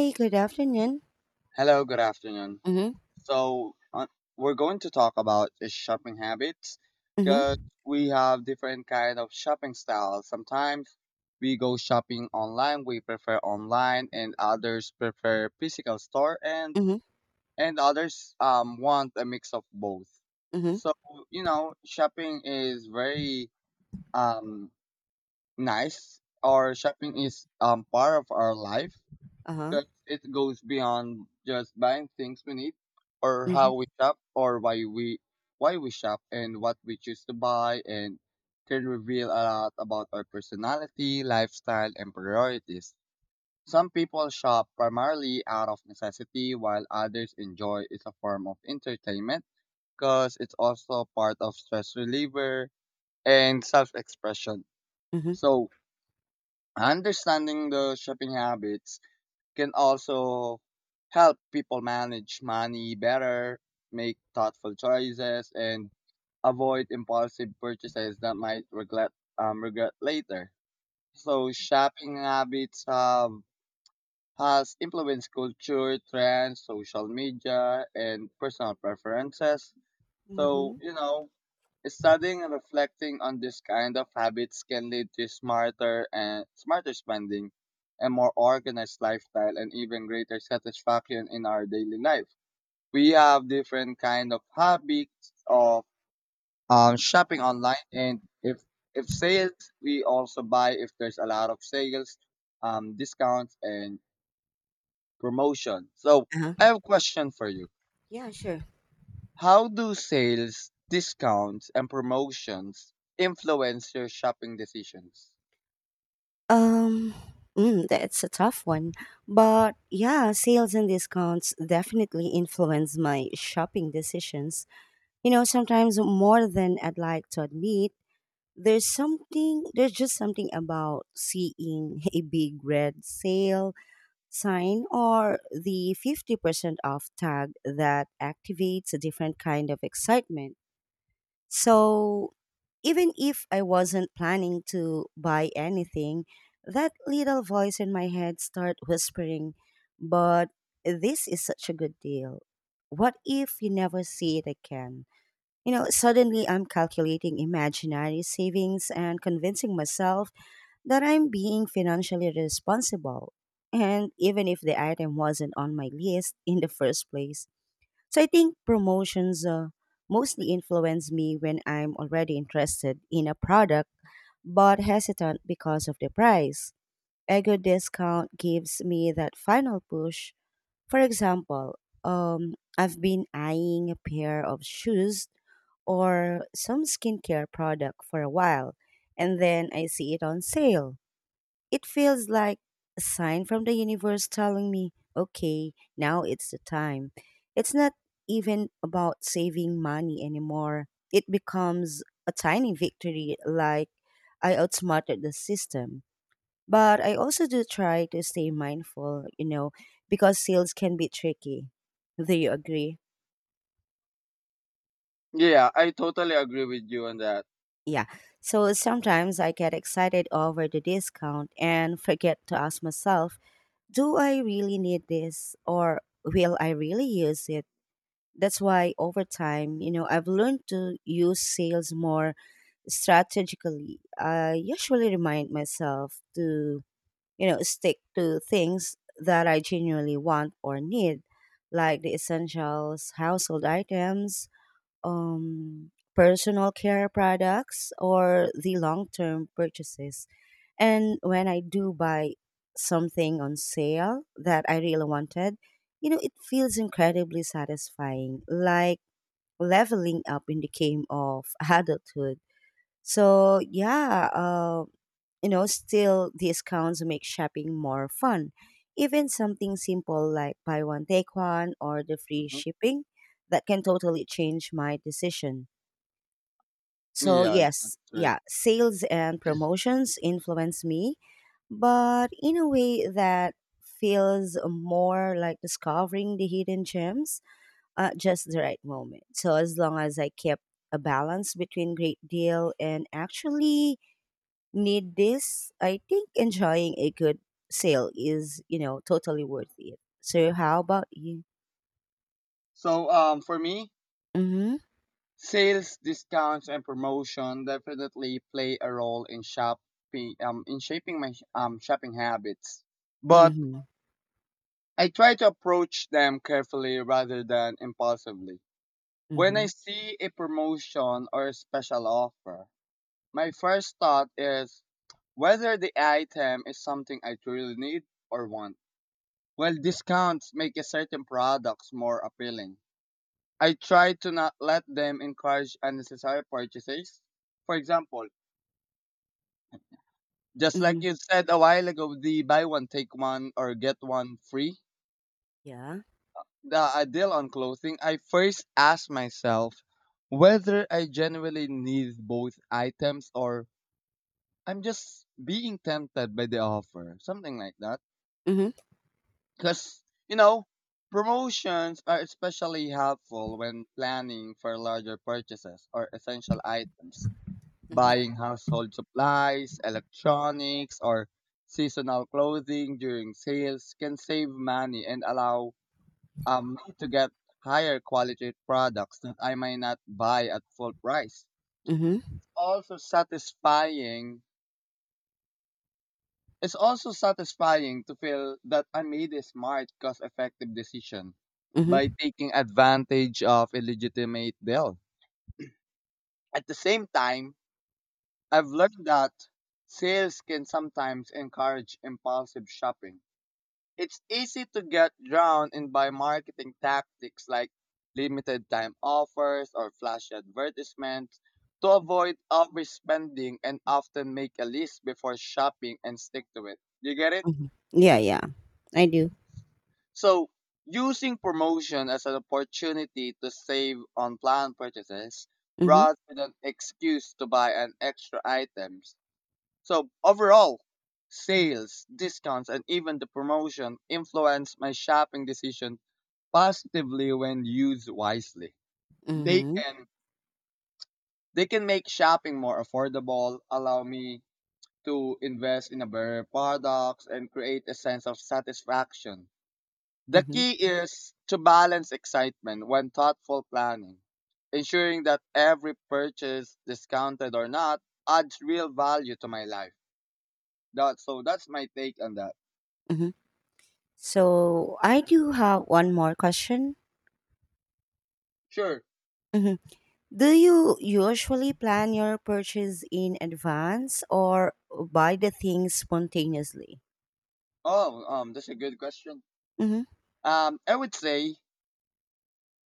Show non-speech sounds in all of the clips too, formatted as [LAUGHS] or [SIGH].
Hey, good afternoon. Hello, good afternoon. Mhm. So, uh, we're going to talk about the shopping habits because Mhm. we have different kind of shopping styles. Sometimes we go shopping online, we prefer online, and others prefer physical store, and Mhm. and others want a mix of both. Mhm. So, shopping is very um nice, or shopping is part of our life Uh-huh. because it goes beyond just buying things we need or how Mhm. we shop or why we shop and what we choose to buy and can reveal a lot about our personality, lifestyle and priorities. Some people shop primarily out of necessity while others enjoy it as a form of entertainment because it's also part of stress reliever and self-expression. Mhm. So, understanding the shopping habits can also help people manage money better, make thoughtful choices, and avoid impulsive purchases that might regret regret later. So shopping habits have has influenced culture, trends, social media, and personal preferences. So Mhm. you know studying and reflecting on this kind of habits can lead to smarter spending, a more organized lifestyle, and even greater satisfaction in our daily life. We have different kind of habits of shopping online, and if sales, we also buy if there's a lot of sales, discounts and promotion. So Uh-huh. I have a question for you. Yeah, sure. How do sales, discounts, and promotions influence your shopping decisions? Um that's a tough one. But yeah, sales and discounts definitely influence my shopping decisions. You know, sometimes more than I'd like to admit, there's just something about seeing a big red sale sign or the 50% off tag that activates a different kind of excitement. So even if I wasn't planning to buy anything, that little voice in my head started whispering, but this is such a good deal. What if you never see it again? You know, suddenly I'm calculating imaginary savings and convincing myself that I'm being financially responsible. And even if the item wasn't on my list in the first place, so I think promotions mostly influence me when I'm already interested in a product but hesitant because of the price. A good discount gives me that final push. For example, I've been eyeing a pair of shoes or some skincare product for a while, and then I see it on sale. It feels like a sign from the universe telling me, okay, now it's the time. It's not even about saving money anymore. It becomes a tiny victory, like I outsmarted the system. But I also do try to stay mindful, because sales can be tricky. Do you agree? Yeah, I totally agree with you on that. Yeah. So sometimes I get excited over the discount and forget to ask myself, do I really need this, or will I really use it? That's why over time, I've learned to use sales more strategically. I usually remind myself to, stick to things that I genuinely want or need, like the essentials, household items, personal care products, or the long term purchases. And when I do buy something on sale that I really wanted, you know, it feels incredibly satisfying, like leveling up in the game of [LAUGHS] adulthood. So, yeah, still discounts make shopping more fun. Even something simple like buy one, take one, or the free Mhm. shipping, that can totally change my decision. So Yeah, that's yes, right. yeah, sales and promotions influence me, but in a way that feels more like discovering the hidden gems at just the right moment. So as long as I keep a balance between great deal and actually need this, I think enjoying a good sale is, totally worth it. So how about you? So, for me, Mhm. sales, discounts, and promotion definitely play a role in shopping, in shaping my shopping habits. But Mhm. I try to approach them carefully rather than impulsively. When I Mhm. see a promotion or a special offer, my first thought is whether the item is something I truly need or want. While discounts make a certain products more appealing, I try to not let them encourage unnecessary purchases. For example, just like Mhm. you said a while ago, the buy one take one or get one free, Yeah. the deal on clothing, I first ask myself whether I genuinely need both items or I'm just being tempted by the offer, something like that. Mhm. Because, you know, promotions are especially helpful when planning for larger purchases or essential items, Mhm. buying household supplies, electronics, or seasonal clothing during sales can save money and allow me to get higher quality products that I might not buy at full price. Mhm. Also satisfying It's also satisfying to feel that I made a smart, cost effective decision by Mhm. taking advantage of a legitimate deal. At the same time, I've learned that sales can sometimes encourage impulsive shopping. It's easy to get drowned in by marketing tactics like limited time offers or flashy advertisements to avoid overspending and often make a list before shopping and stick to it. You get it? Mhm. Yeah, yeah. I do. So, using promotion as an opportunity to save on planned purchases Mhm. rather than excuse to buy an extra items. So, overall, sales, discounts, and even the promotion influence my shopping decision positively when used wisely. They Mhm. can they can make shopping more affordable, allow me to invest in a better products and create a sense of satisfaction. The Mhm. key is to balance excitement when thoughtful planning, ensuring that every purchase, discounted or not, adds real value to my life. That, so that's my take on that. Mhm. So, I do have one more question. Sure. Mhm. Do you usually plan your purchase in advance or buy the things spontaneously? Oh, that's a good question. Mhm. I would say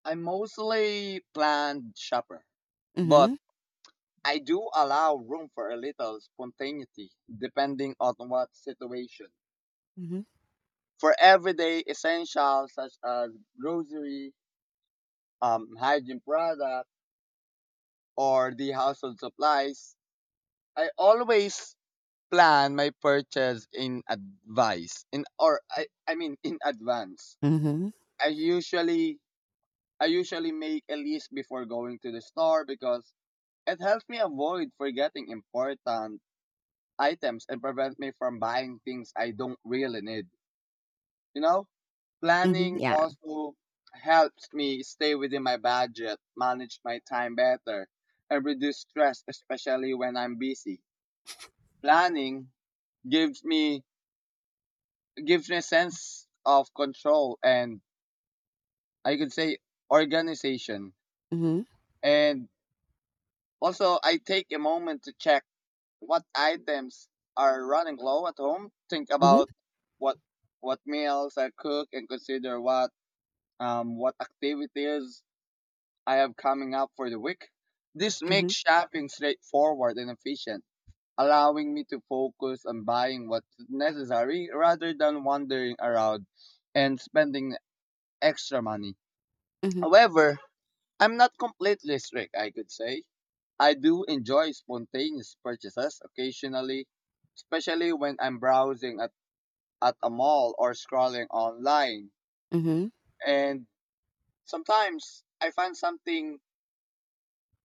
I'm mostly planned shopper, but Mhm. I do allow room for a little spontaneity depending on what situation. Mhm. For everyday essentials such as grocery, hygiene products or the household supplies, I always plan my purchase in advice in or I mean in advance. Mhm. I usually I usually make a list before going to the store because it helps me avoid forgetting important items and prevent me from buying things I don't really need. You know? Mhm. Planning Yeah. also helps me stay within my budget, manage my time better, and reduce stress, especially when I'm busy. Planning gives me gives me a sense of control and I could say organization. Mhm. And also I take a moment to check what items are running low at home. Think about Mhm. what what meals I cook and consider what activities I have coming up for the week. This makes Mhm. shopping straightforward and efficient, allowing me to focus on buying what's necessary rather than wandering around and spending extra money. Mhm. However, I'm not completely strict, I could say. I do enjoy spontaneous purchases occasionally, especially when I'm browsing at a mall or scrolling online. Mhm. And sometimes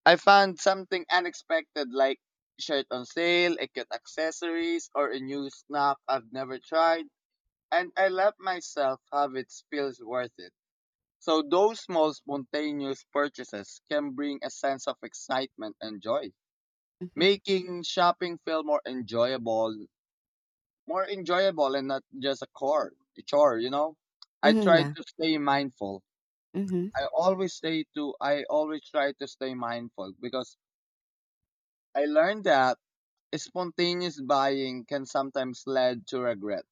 I find something unexpected like shirt on sale, a cute accessories, or a new snack I've never tried and I let myself have it feels worth it. So those small spontaneous purchases can bring a sense of excitement and joy, Mhm. making shopping feel more enjoyable and not just a chore, you know? I Mhm. try Yeah. to stay mindful. Mhm. I always try to stay mindful because I learned that spontaneous buying can sometimes lead to regret,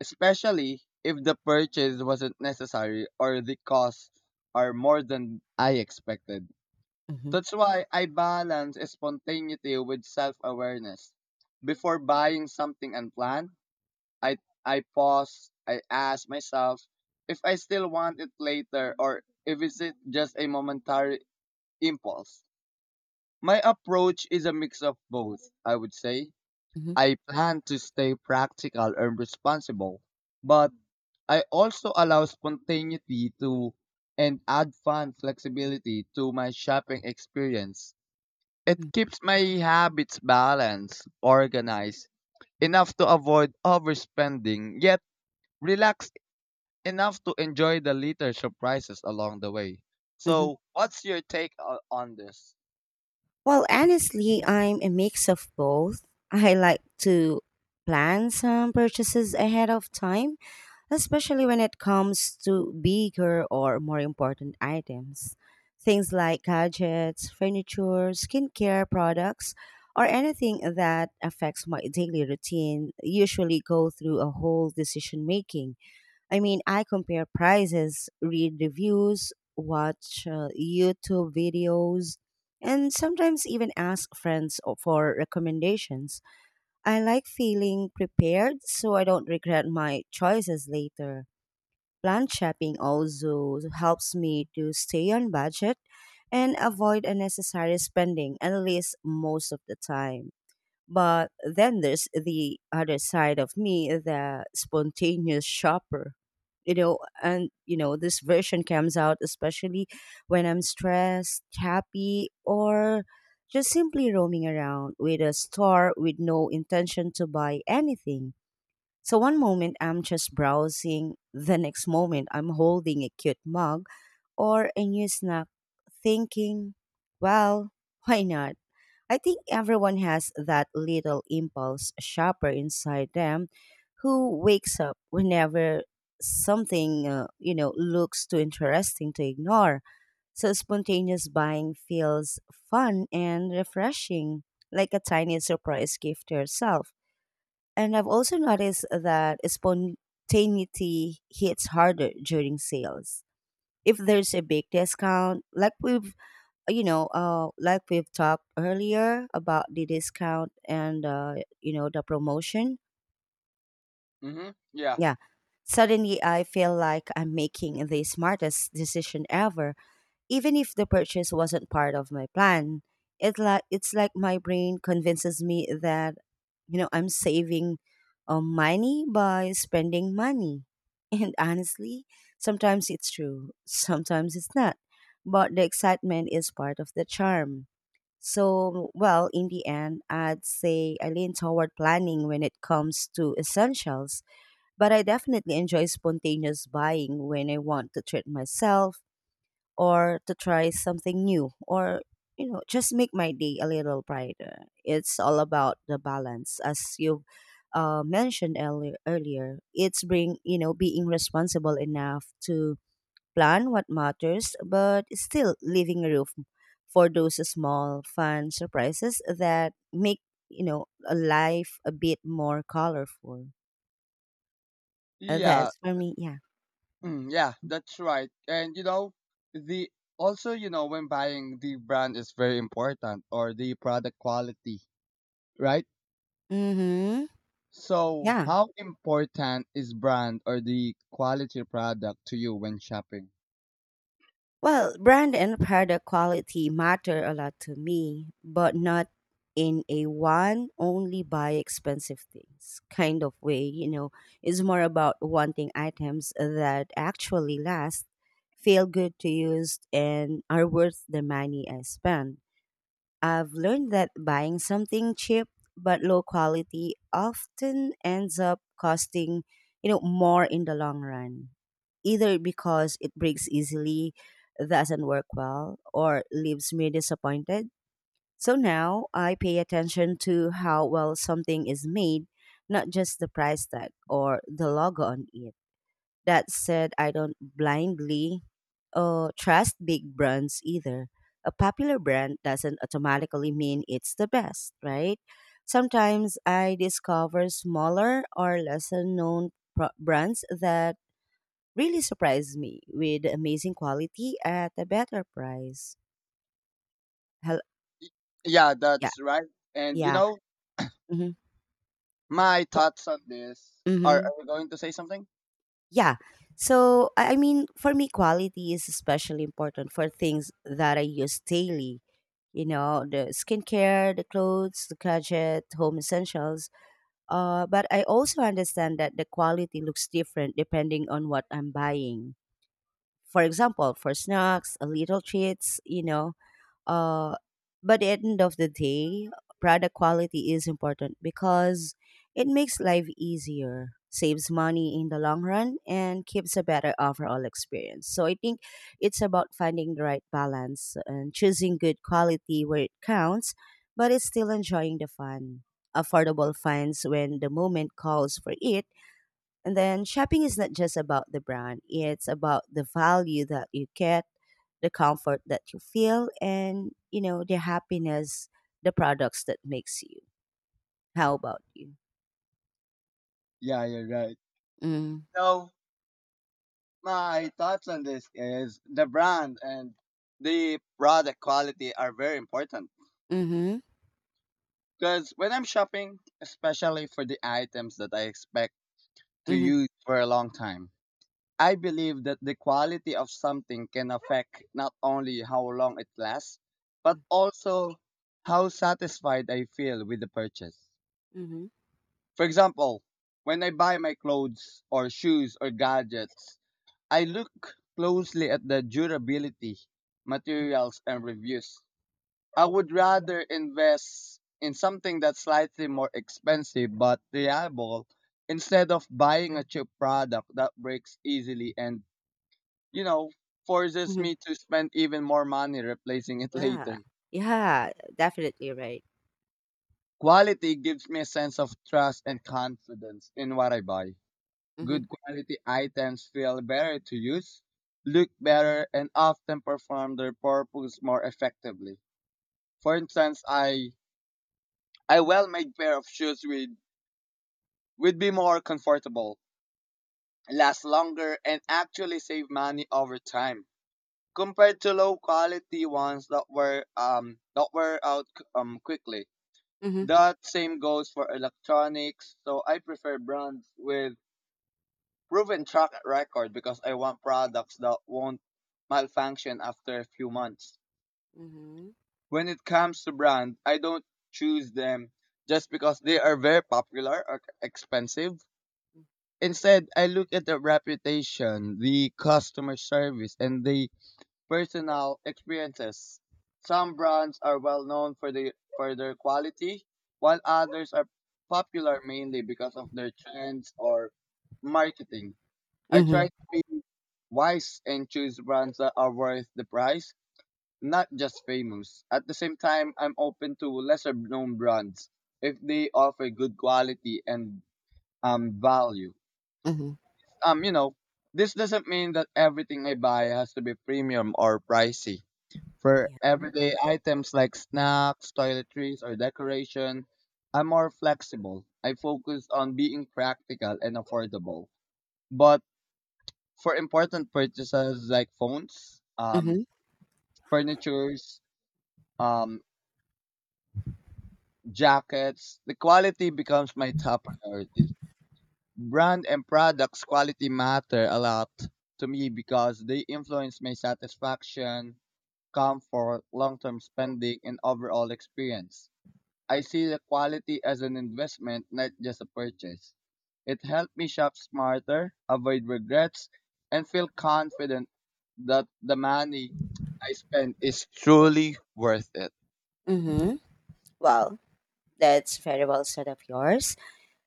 especially if the purchase wasn't necessary or the costs are more than I expected. Mhm. That's why I balance spontaneity with self-awareness. Before buying something unplanned, I I pause, I ask myself if I still want it later or if it's just a momentary impulse. My approach is a mix of both, I would say. Mhm. I plan to stay practical and responsible, but I also allow spontaneity to and add fun flexibility to my shopping experience. Mhm. It keeps my habits balanced, organized, enough to avoid overspending, yet relaxed enough to enjoy the little surprises along the way. Mhm. So, what's your take on this? Well, honestly, I'm a mix of both. I like to plan some purchases ahead of time, especially when it comes to bigger or more important items. Things like gadgets, furniture, skincare products, or anything that affects my daily routine usually go through a whole decision making. I mean, I compare prices, read reviews, watch YouTube videos, and sometimes even ask friends for recommendations. I like feeling prepared so I don't regret my choices later. Plan shopping also helps me to stay on budget and avoid unnecessary spending, at least most of the time. But then there's the other side of me, the spontaneous shopper. You know, and this version comes out especially when I'm stressed, happy, or just simply roaming around with a store with no intention to buy anything. So one moment I'm just browsing, the next moment I'm holding a cute mug or a new snack, thinking, well, why not? I think everyone has that little impulse shopper inside them who wakes up whenever something looks too interesting to ignore. So spontaneous buying feels fun and refreshing, like a tiny surprise gift to yourself. And I've also noticed that spontaneity hits harder during sales. If there's a big discount, like we've talked earlier about the discount and the promotion. Mm-hmm. Yeah. Yeah. Suddenly, I feel like I'm making the smartest decision ever, even if the purchase wasn't part of my plan. It's like my brain convinces me that I'm saving money by spending money. [LAUGHS] And honestly, sometimes it's true, sometimes it's not. But the excitement is part of the charm. So, well, in the end, I'd say I lean toward planning when it comes to essentials, but I definitely enjoy spontaneous buying when I want to treat myself or to try something new or, just make my day a little brighter. It's all about the balance, as you mentioned earlier. Earlier, it's bring being responsible enough to plan what matters, but still leaving room for those small fun surprises that make a life a bit more colorful. Yeah. That's for me, yeah. Mm, yeah, that's right. And you know, the also, you know, when buying the brand is very important or the product quality, right? Mm-hmm. So, Yeah. how important is brand or the quality product to you when shopping? Well, brand and product quality matter a lot to me, but not in a one only buy expensive things kind of way. You know, it's more about wanting items that actually last, feel good to use, and are worth the money I spend. I've learned that buying something cheap but low quality often ends up costing more in the long run. Either because it breaks easily, doesn't work well, or leaves me disappointed. So now I pay attention to how well something is made, not just the price tag or the logo on it. That said, I don't blindly trust big brands either. A popular brand doesn't automatically mean it's the best, right? Sometimes I discover smaller or lesser known brands that really surprise me with amazing quality at a better price. Hel- Yeah, yeah, that's right. And you yeah. know, hmm my thoughts on this hmm are you going to say something? Yeah. So, I mean, for me, quality is especially important for things that I use daily, the skincare, the clothes, the gadget, home essentials. But I also understand that the quality looks different depending on what I'm buying. For example, for snacks, a little treats, uh, but at the end of the day, product quality is important because it makes life easier, saves money in the long run, and keeps a better overall experience. So I think it's about finding the right balance and choosing good quality where it counts, but it's still enjoying the fun affordable finds when the moment calls for it. And then shopping is not just about the brand, it's about the value that you get, the comfort that you feel, and the happiness, the products that makes you. How about you? Yeah, you're right. Mm. So, my thoughts on this is the brand and the product quality are very important Mhm. because when I'm shopping, especially for the items that I expect to Mhm. use for a long time, I believe that the quality of something can affect not only how long it lasts, but Mm. also how satisfied I feel with the purchase. Mhm. For example, when I buy my clothes or shoes or gadgets, I look closely at the durability, materials, and reviews. I would rather invest in something that's slightly more expensive but reliable instead of buying a cheap product that breaks easily and, you know, forces Mhm. me to spend even more money replacing it [LAUGHS] Yeah. later. Yeah, definitely right. Quality gives me a sense of trust and confidence in what I buy. Mhm. Good quality items feel better to use, look better, and often perform their purpose more effectively. For instance, I a well-made pair of shoes would be more comfortable, last longer, and actually save money over time compared to low quality ones that were out quickly. Mhm. That same goes for electronics. So I prefer brands with proven track record because I want products that won't malfunction after a few months. Mhm. When it comes to brand, I don't choose them just because they are very popular or expensive. Instead, I look at the reputation, the customer service, and the personal experiences. Some brands are well known for the for their quality, while others are popular mainly because of their trends or marketing. I Mhm. try to be wise and choose brands that are worth the price, not just famous. At the same time, I'm open to lesser known brands if they offer good quality and value. Mhm. Um, you know, this doesn't mean that everything I buy has to be premium or pricey. For Yeah. everyday items like snacks, toiletries, or decoration, I'm more flexible. I focus on being practical and affordable. But for important purchases like phones, Mhm. furnitures, um, jackets, the quality becomes my top priority. Brand and products quality matter a lot to me because they influence my satisfaction, comfort, long-term spending, and overall experience. I see the quality as an investment, not just a purchase. It helped me shop smarter, avoid regrets, and feel confident that the money I spend is truly worth it. Mhm. Well, that's very well said of yours.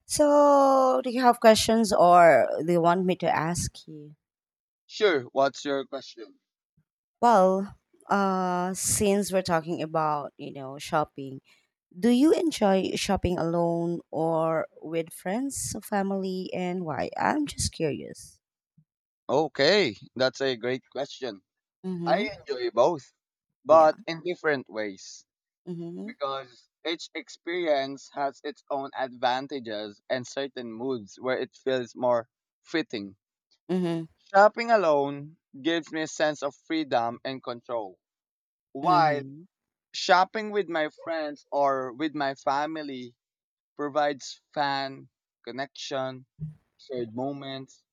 So, do you have questions or do you want me to ask you? Sure, what's your question? Well, since we're talking about shopping, do you enjoy shopping alone or with friends, family, and why? I'm just curious. Okay, that's a great question. I Mm-hmm. enjoy both, Yeah. but in different ways Mm-hmm. because each experience has its own advantages and certain moods where it feels more fitting. Mm-hmm. Shopping alone gives me a sense of freedom and control, while Mm-hmm. shopping with my friends or with my family provides fun, connection, shared moments,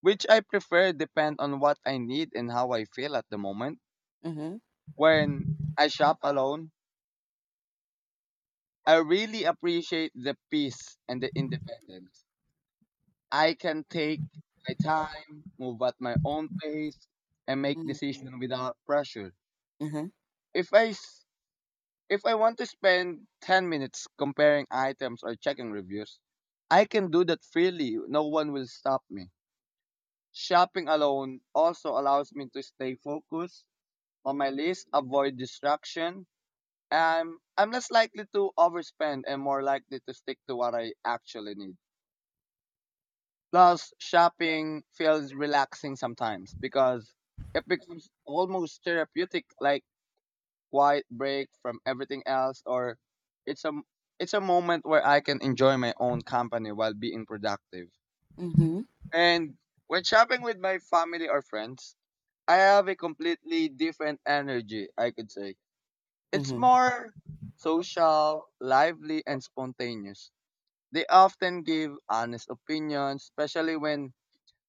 which I prefer depend on what I need and how I feel at the moment. Mm-hmm. When I shop alone, I really appreciate the peace and the independence. I can take my time, move at my own pace, and make Mm-hmm. decisions without pressure. Mm-hmm. If I s- If I want to spend 10 minutes comparing items or checking reviews, I can do that freely. No one will stop me. Shopping alone also allows me to stay focused on my list, avoid distraction, and I'm less likely to overspend and more likely to stick to what I actually need. Plus, shopping feels relaxing sometimes because it becomes almost therapeutic, like quiet break from everything else or it's a it's a moment where I can enjoy my own company while being productive. Mm-hmm. And when shopping with my family or friends, I have a completely different energy, I could say. It's Mm-hmm. more social, lively and spontaneous. They often give honest opinions, especially when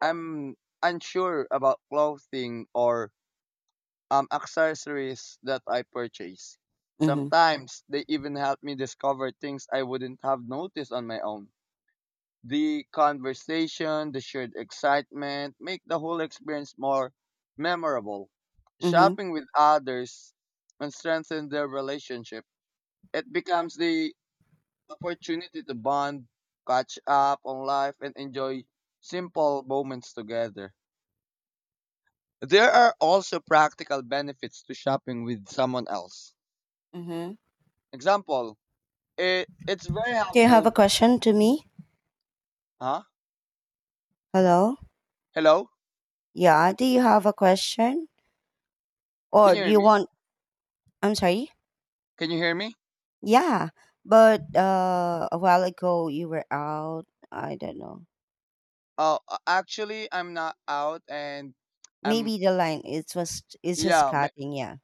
I'm unsure about clothing or accessories that I purchase. Mm-hmm. Sometimes they even help me discover things I wouldn't have noticed on my own. The conversation, the shared excitement make the whole experience more memorable. Mm-hmm. Shopping with others and strengthen their relationship. It becomes the opportunity to bond, catch up on life, and enjoy simple moments together. There are also practical benefits to shopping with someone else. Mm-hmm. Example, it's very Do you have a helpful. question to me? Huh? Hello? Hello? Yeah. Do you have a question? Can Or you do hear you me? want, I'm sorry? Can you hear me? Yeah, but a while ago you were out. I don't know. Oh, actually, I'm not out, and I'm Maybe the line it's just yeah. Cutting. Yeah.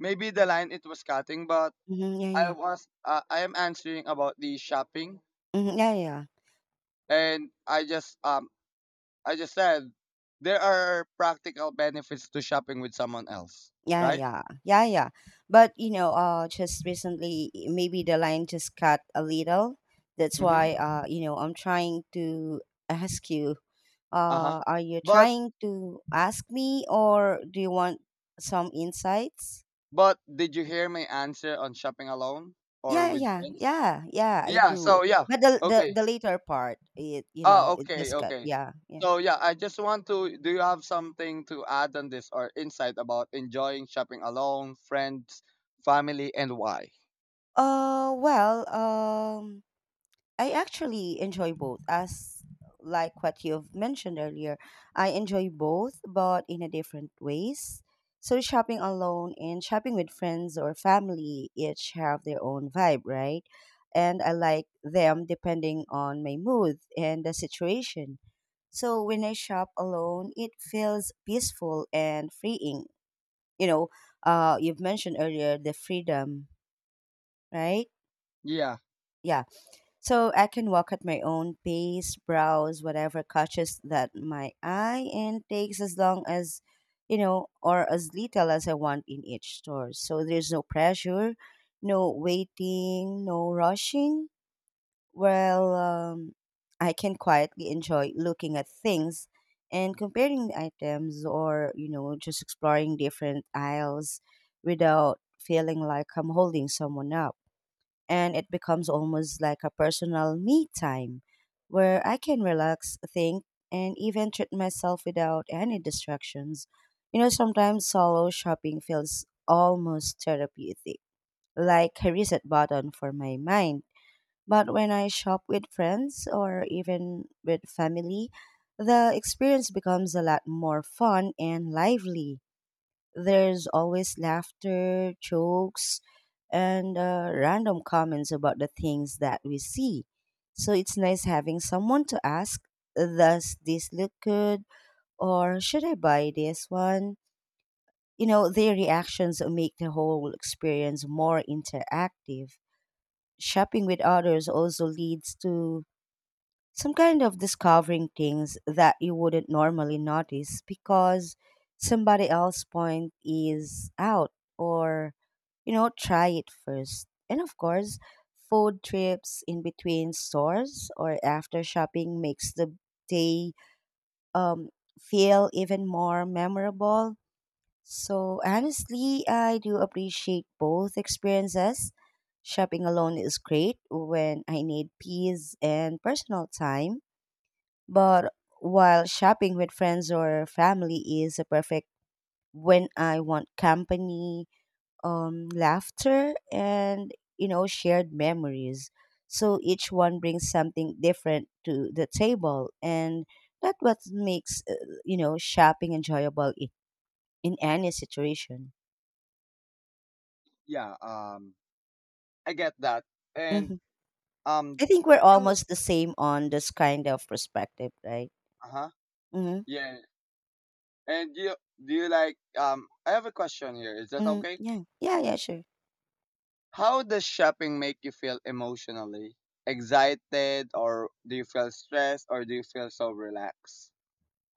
Maybe the line it was cutting, but Mm-hmm, yeah, I yeah. was I am answering about the shopping, Mm-hmm, yeah, yeah. and I just said there are practical benefits to shopping with someone else, Yeah, right? yeah, yeah, yeah. But you know, just recently, maybe the line just cut a little. That's Mm-hmm. why, I'm trying to ask you. Uh huh. Are you But trying to ask me, or do you want some insights? but did you hear my answer on shopping alone or Yeah, with yeah, friends? yeah, yeah, I Yeah. do. So yeah. But the the Okay. the later part, it you Oh, know, it okay, does cut. okay. Yeah, yeah. So yeah, I just want to. Do you have something to add on this or insight about enjoying shopping alone, friends, family, and why? Well, I actually enjoy both. As like what you've mentioned earlier, I enjoy both, but in a different ways. So shopping alone and shopping with friends or family each have their own vibe, right? And I like them depending on my mood and the situation. So when I shop alone, it feels peaceful and freeing. You know, you've mentioned earlier the freedom, right? Yeah, Yeah. So I can walk at my own pace, browse whatever catches that my eye, and takes as long as, or as little as I want in each store. So there's no pressure, no waiting, no rushing. Well, I can quietly enjoy looking at things and comparing the items or, just exploring different aisles without feeling like I'm holding someone up. And it becomes almost like a personal me time where I can relax, think, and even treat myself without any distractions. You know, sometimes solo shopping feels almost therapeutic, like a reset button for my mind. But when I shop with friends or even with family, the experience becomes a lot more fun and lively. There's always laughter, jokes, and random comments about the things that we see. So it's nice having someone to ask, "Does this look good? Or should I buy this one?" Their reactions make the whole experience more interactive. Shopping with others also leads to some kind of discovering things that you wouldn't normally notice because somebody else point is out, or try it first. And of course food trips in between stores or after shopping makes the day um, feel even more memorable. So honestly, I do appreciate both experiences. Shopping alone is great when I need peace and personal time, but while shopping with friends or family is a perfect when I want company, laughter, and shared memories. So each one brings something different to the table, and that's what makes shopping enjoyable in any situation. yeah. I get that. And Hmm. um, I think we're you, almost the same on this kind of perspective, right? uh huh, Mm-hmm. yeah. And you, do you like? I have a question here. Is that Mm-hmm. okay? Yeah, yeah, yeah, sure. How does shopping make you feel emotionally? Excited, or do you feel stressed, or do you feel so relaxed?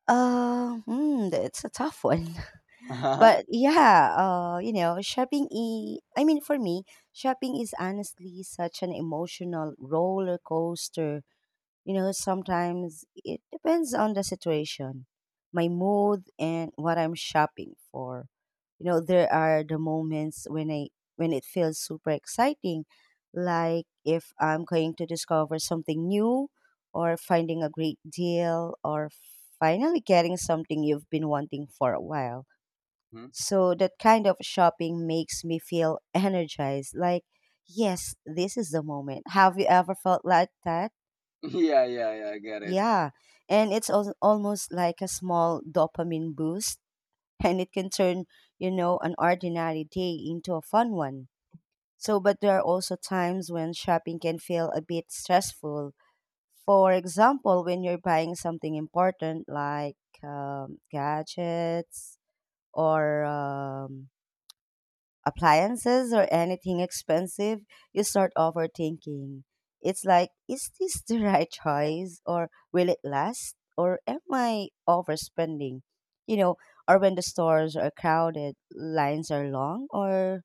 It's a tough one. [LAUGHS] Uh huh. [LAUGHS] But yeah, shopping e I mean for me, shopping is honestly such an emotional roller coaster. Sometimes it depends on the situation, my mood, and what I'm shopping for. There are the moments when it feels super exciting, like if I'm going to discover something new, or finding a great deal, or finally getting something you've been wanting for a while. So that kind of shopping makes me feel [LAUGHS] energized, like yes, this is the moment. Have you ever felt like that? Yeah, yeah, yeah. I get it. Yeah, and it's al almost like a small dopamine boost, [LAUGHS] and it can turn, an ordinary day into a fun one. So, but there are also times when shopping can feel a bit stressful. For example, when you're buying something important like gadgets or appliances or anything expensive, you start overthinking. It's like, is this the [LAUGHS] right choice? Or will it last? Or am I overspending? You know, or when the stores are crowded, lines are long, or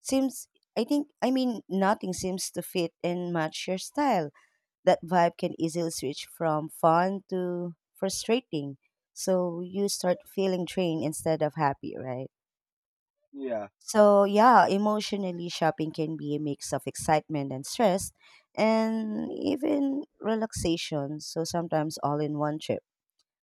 seems, I think, I mean, nothing seems to fit and match your style. That vibe can easily switch from fun to frustrating. So you start feeling drained instead of happy, right? Yeah. So yeah, emotionally shopping can be a mix of excitement and stress and even relaxation. So sometimes all in one trip.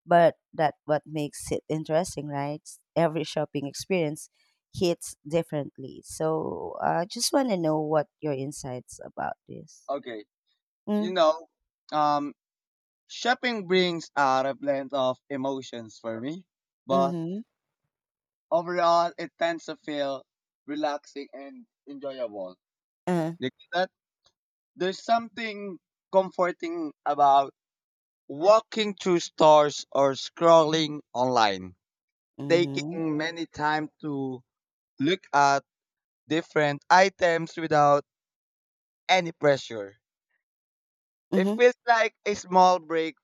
But that what makes it interesting, right? Every shopping experience hits differently. So I just want to know what your insights about this. Okay. You Mm, know, um, shopping brings out a blend of emotions for me, but mhm. overall, it tends to feel relaxing and enjoyable. Uh, You get that, there's something comforting about walking through stores or scrolling online, mhm. taking many time to look at different items without any pressure. It Mhm. feels like a small break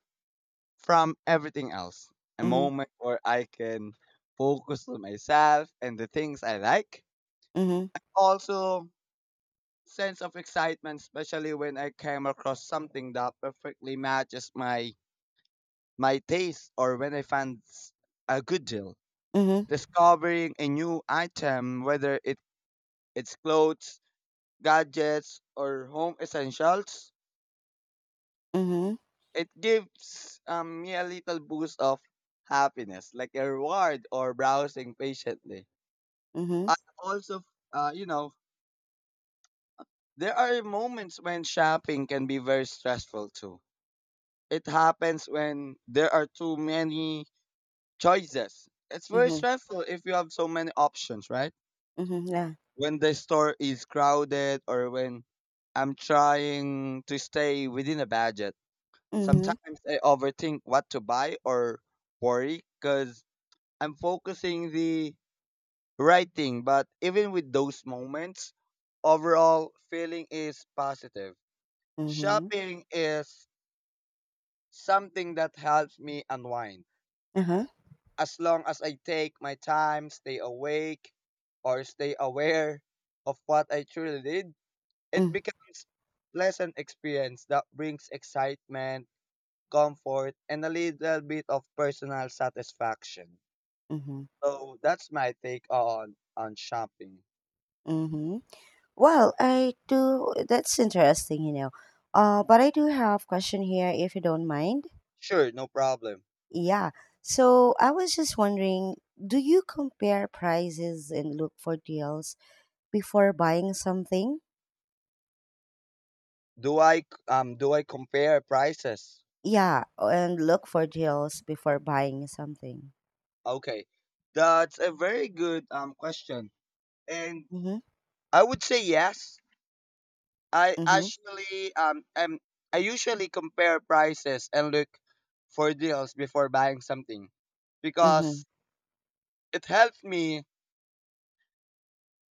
from everything else. A Mhm. moment where I can focus on myself and the things I like. Mhm. Also, sense of excitement, especially when I came across something that perfectly matches my taste or when I find a good deal. Mhm. Discovering a new item, whether it's clothes, gadgets, or home essentials, Mhm. it gives me a little boost of happiness, like a reward or browsing patiently. Mhm. I also, you know, there are moments when shopping can be very stressful too. It happens when there are too many choices. It's very Mhm. stressful if you have so many options, right? Mhm. Yeah. When the store is crowded or when I'm trying to stay within a budget. Mhm. Sometimes I overthink what to buy or worry because I'm focusing the right thing. But even with those moments, overall feeling is positive. Mhm. Shopping is something that helps me unwind. Uh-huh. As long as I take my time, stay awake, or stay aware of what I truly did, it Mm, becomes pleasant experience that brings excitement, comfort, and a little bit of personal satisfaction. mhm. So that's my take on shopping. Mm-hmm. Well, I do. That's interesting. But I do have question here, if you don't mind. Sure, no problem. Yeah. So I was just wondering, do you compare prices and look for deals before buying something? Do I compare prices? Yeah, and look for deals before buying something. Okay, that's a very good question, and Mm-hmm. I would say yes. I Mm-hmm. actually I usually compare prices and look for deals before buying something Mm-hmm. because it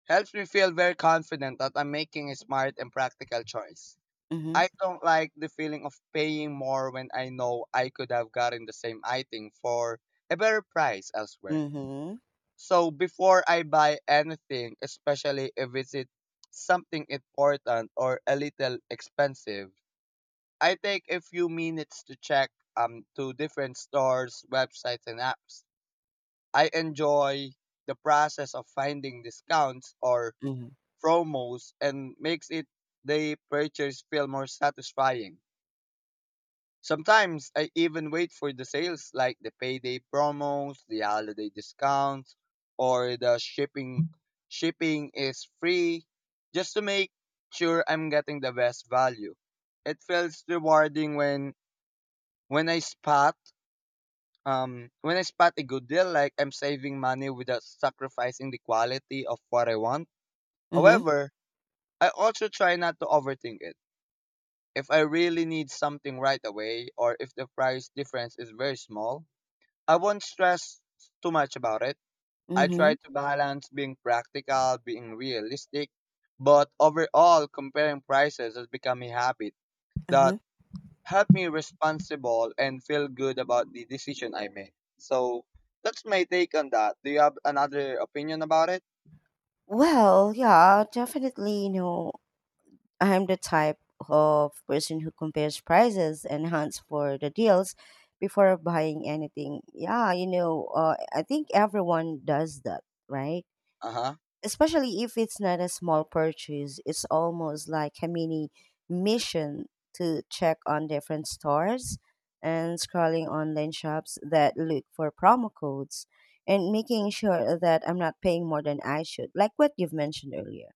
helps me feel very confident that I'm making a smart and practical choice. Mm-hmm. I don't like the feeling of paying more when I know I could have gotten the same item for a better price elsewhere. Mm-hmm. So before I buy anything, especially if something important or a little expensive, I take a few minutes to check to different stores, websites and apps. I enjoy the process of finding discounts or Mm-hmm. promos and makes it the purchase feel more satisfying. Sometimes I even wait for the sales like the payday promos, the holiday discounts, or the shipping is free just to make sure I'm getting the best value. It feels rewarding when when I spot when I spot a good deal like I'm saving money without sacrificing the quality of what I want. Mm-hmm. Mm-hmm. However, I also try not to overthink it. If I really need something right away or if the price difference is very small, I won't stress too much about it. I Mm-hmm. try to balance being practical, being realistic, but overall, comparing prices has become a habit that Uh-huh. helped me responsible and feel good about the decision I made. So that's my take on that. Do you have another opinion about it? Well, yeah, definitely, I am the type of person who compares prices and hunts for the deals before buying anything. Yeah, I think everyone does that, right? Uh huh. Especially if it's not a small purchase, it's almost like a mini mission to check on different stores and scrolling online shops that look for promo codes and making sure that I'm not paying more than I should, like what you've mentioned earlier.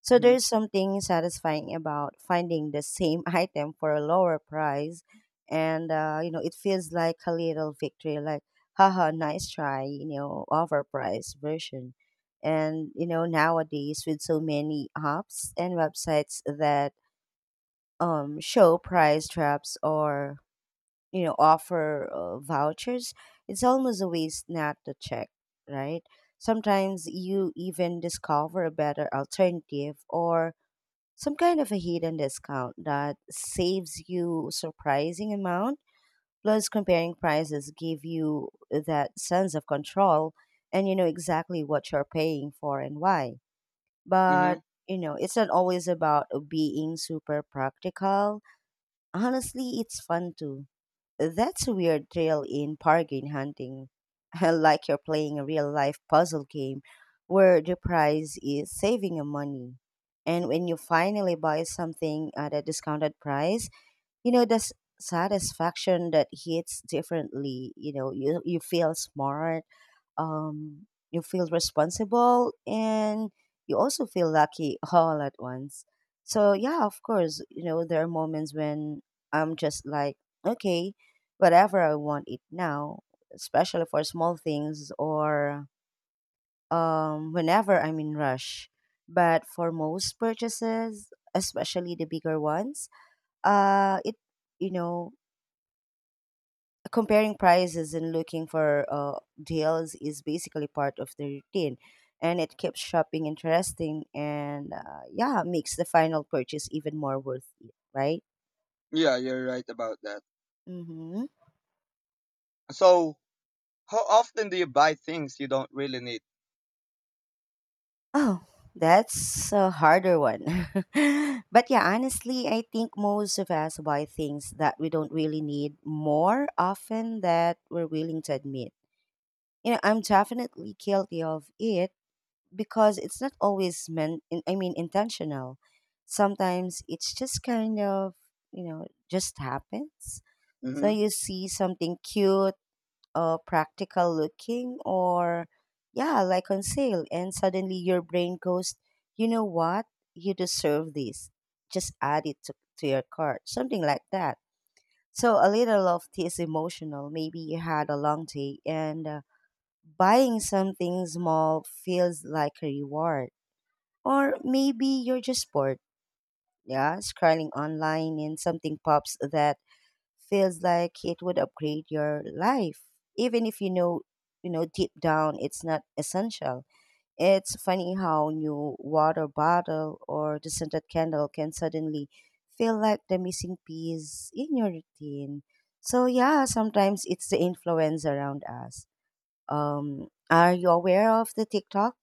So Mhm. there's something satisfying about finding the same [LAUGHS] item for a lower price, and it feels like a little victory, like haha, nice try, overpriced version. And nowadays with so many apps and websites that show price traps or offer vouchers, it's almost a waste not to check, right? Sometimes you even discover a better alternative or some kind of a hidden discount that saves you surprising amount. Plus, comparing prices give you that sense of control, and you know exactly what you're paying for and why, but Mhm. It's not always about being super practical. Honestly, it's fun too. That's a weird thrill in bargain hunting. [LAUGHS] Like you're playing a real life puzzle game where the prize is saving your money. And when you finally buy something at a discounted price, the satisfaction that hits differently. You feel smart, you feel responsible, and you also feel lucky [LAUGHS] all at once. So, yeah, of course, there are moments when I'm just like, okay, whatever I want it now, especially for small things or whenever I'm in rush. But for most purchases, especially the bigger ones, uh, it, you know, comparing prices and looking for deals is basically part of the routine, and it keeps shopping interesting, and yeah makes the final purchase even more worth it, right? Yeah, you're right about that. Mm-hmm. So how often do you buy things you don't really need? Oh, that's a harder one. [LAUGHS] But yeah, honestly, I think most of us buy things that we don't really need more often that we're willing to admit. I'm definitely guilty of it, because it's not always I mean intentional. Sometimes it's just kind of just happens. So Hmm. you see something cute or practical looking or yeah, like on sale, and suddenly your brain goes, you know what, you deserve this, just add it to your cart, something like that. So a little of this emotional, maybe you had a long day and buying something small feels like a reward. Or maybe you're just bored, yeah, scrolling online and something pops that feels like it would upgrade your life, even if you know, deep down it's not essential. It's funny how new water bottle or the scented candle can suddenly feel like the missing piece in your routine. So yeah, sometimes it's the influence around us. Are you aware of the TikTok?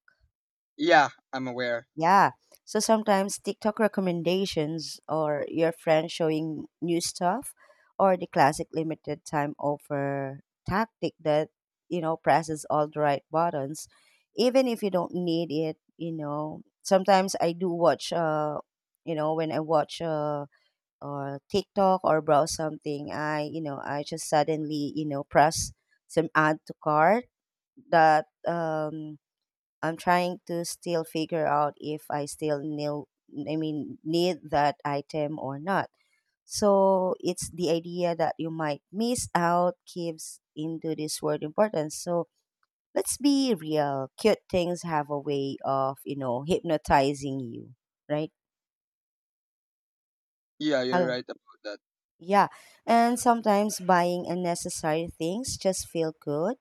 Yeah, I'm aware. Yeah. So sometimes TikTok recommendations or your friend showing new stuff or the classic limited time offer tactic that, presses all the right buttons, even if you don't need it. Sometimes I do watch, when I watch TikTok or browse something, I just suddenly, press some add to cart that, I'm trying to still figure out if I still I mean, need that item or not. So it's the idea that you might miss out gives into this word importance. So let's be real. Cute things have a way of, hypnotizing you, right? Yeah, you're Hello. right about that. Yeah. And sometimes buying unnecessary things just feel good,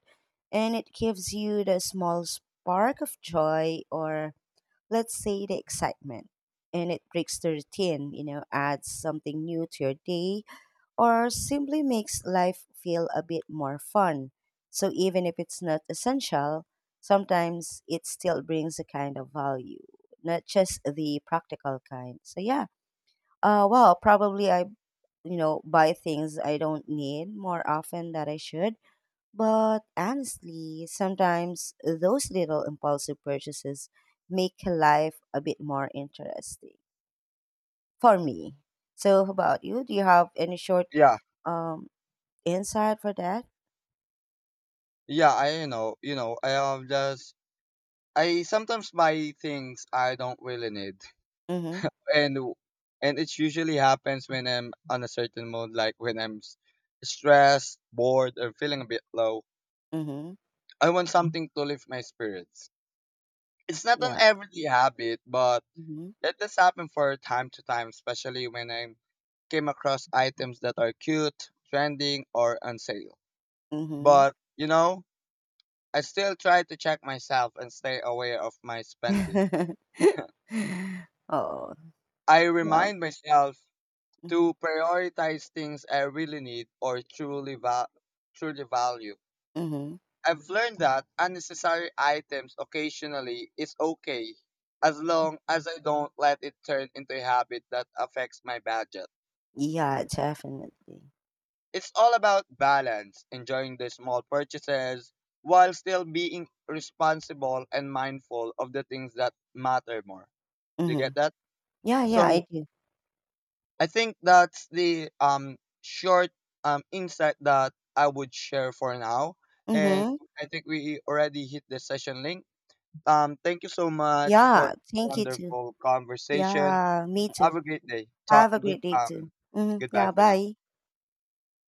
and it gives you the small spark of joy, or let's say the excitement, and it breaks the routine, adds something new to your day, or simply makes life feel a bit more fun. So even if it's not essential, sometimes it still brings a kind of value, not just the practical kind. So yeah, well, probably I buy things I don't need more often than I should. But honestly, sometimes those little impulsive purchases make life a bit more interesting for me. So, how about you? Do you have any short Yeah, um insight for that? yeah, I know. You know, I sometimes buy things I don't really need, Mm-hmm. and it usually happens when I'm on a certain mood, like when stressed, bored, or feeling a bit low. Mm-hmm. I want something to lift my spirits. It's not an Yeah. everyday habit, but Mm-hmm. it does happen for time to time, especially when I'm came across items that are cute, trending, or on sale. Mm-hmm. But, you know, I still try to check myself and stay aware of my spending. [LAUGHS] Oh, I well. remind myself Mm-hmm. to prioritize things I really need or truly value. Mm-hmm. I've learned that unnecessary items occasionally is okay as long as I don't let it turn into a habit that affects my budget. Yeah, definitely. It's all about balance, enjoying the small purchases while still being responsible and mindful of the things that matter more. Do you Mm-hmm. get that? Yeah, yeah, So I do. I think that's the short insight that I would share for now. And Mm-hmm. I think we already hit the session link. Um, thank you so much for Yeah, this thank you too. wonderful conversation. Yeah, me too. Have a great day. Talk Have a good great day too. Mhm. Goodbye Yeah, for now. bye.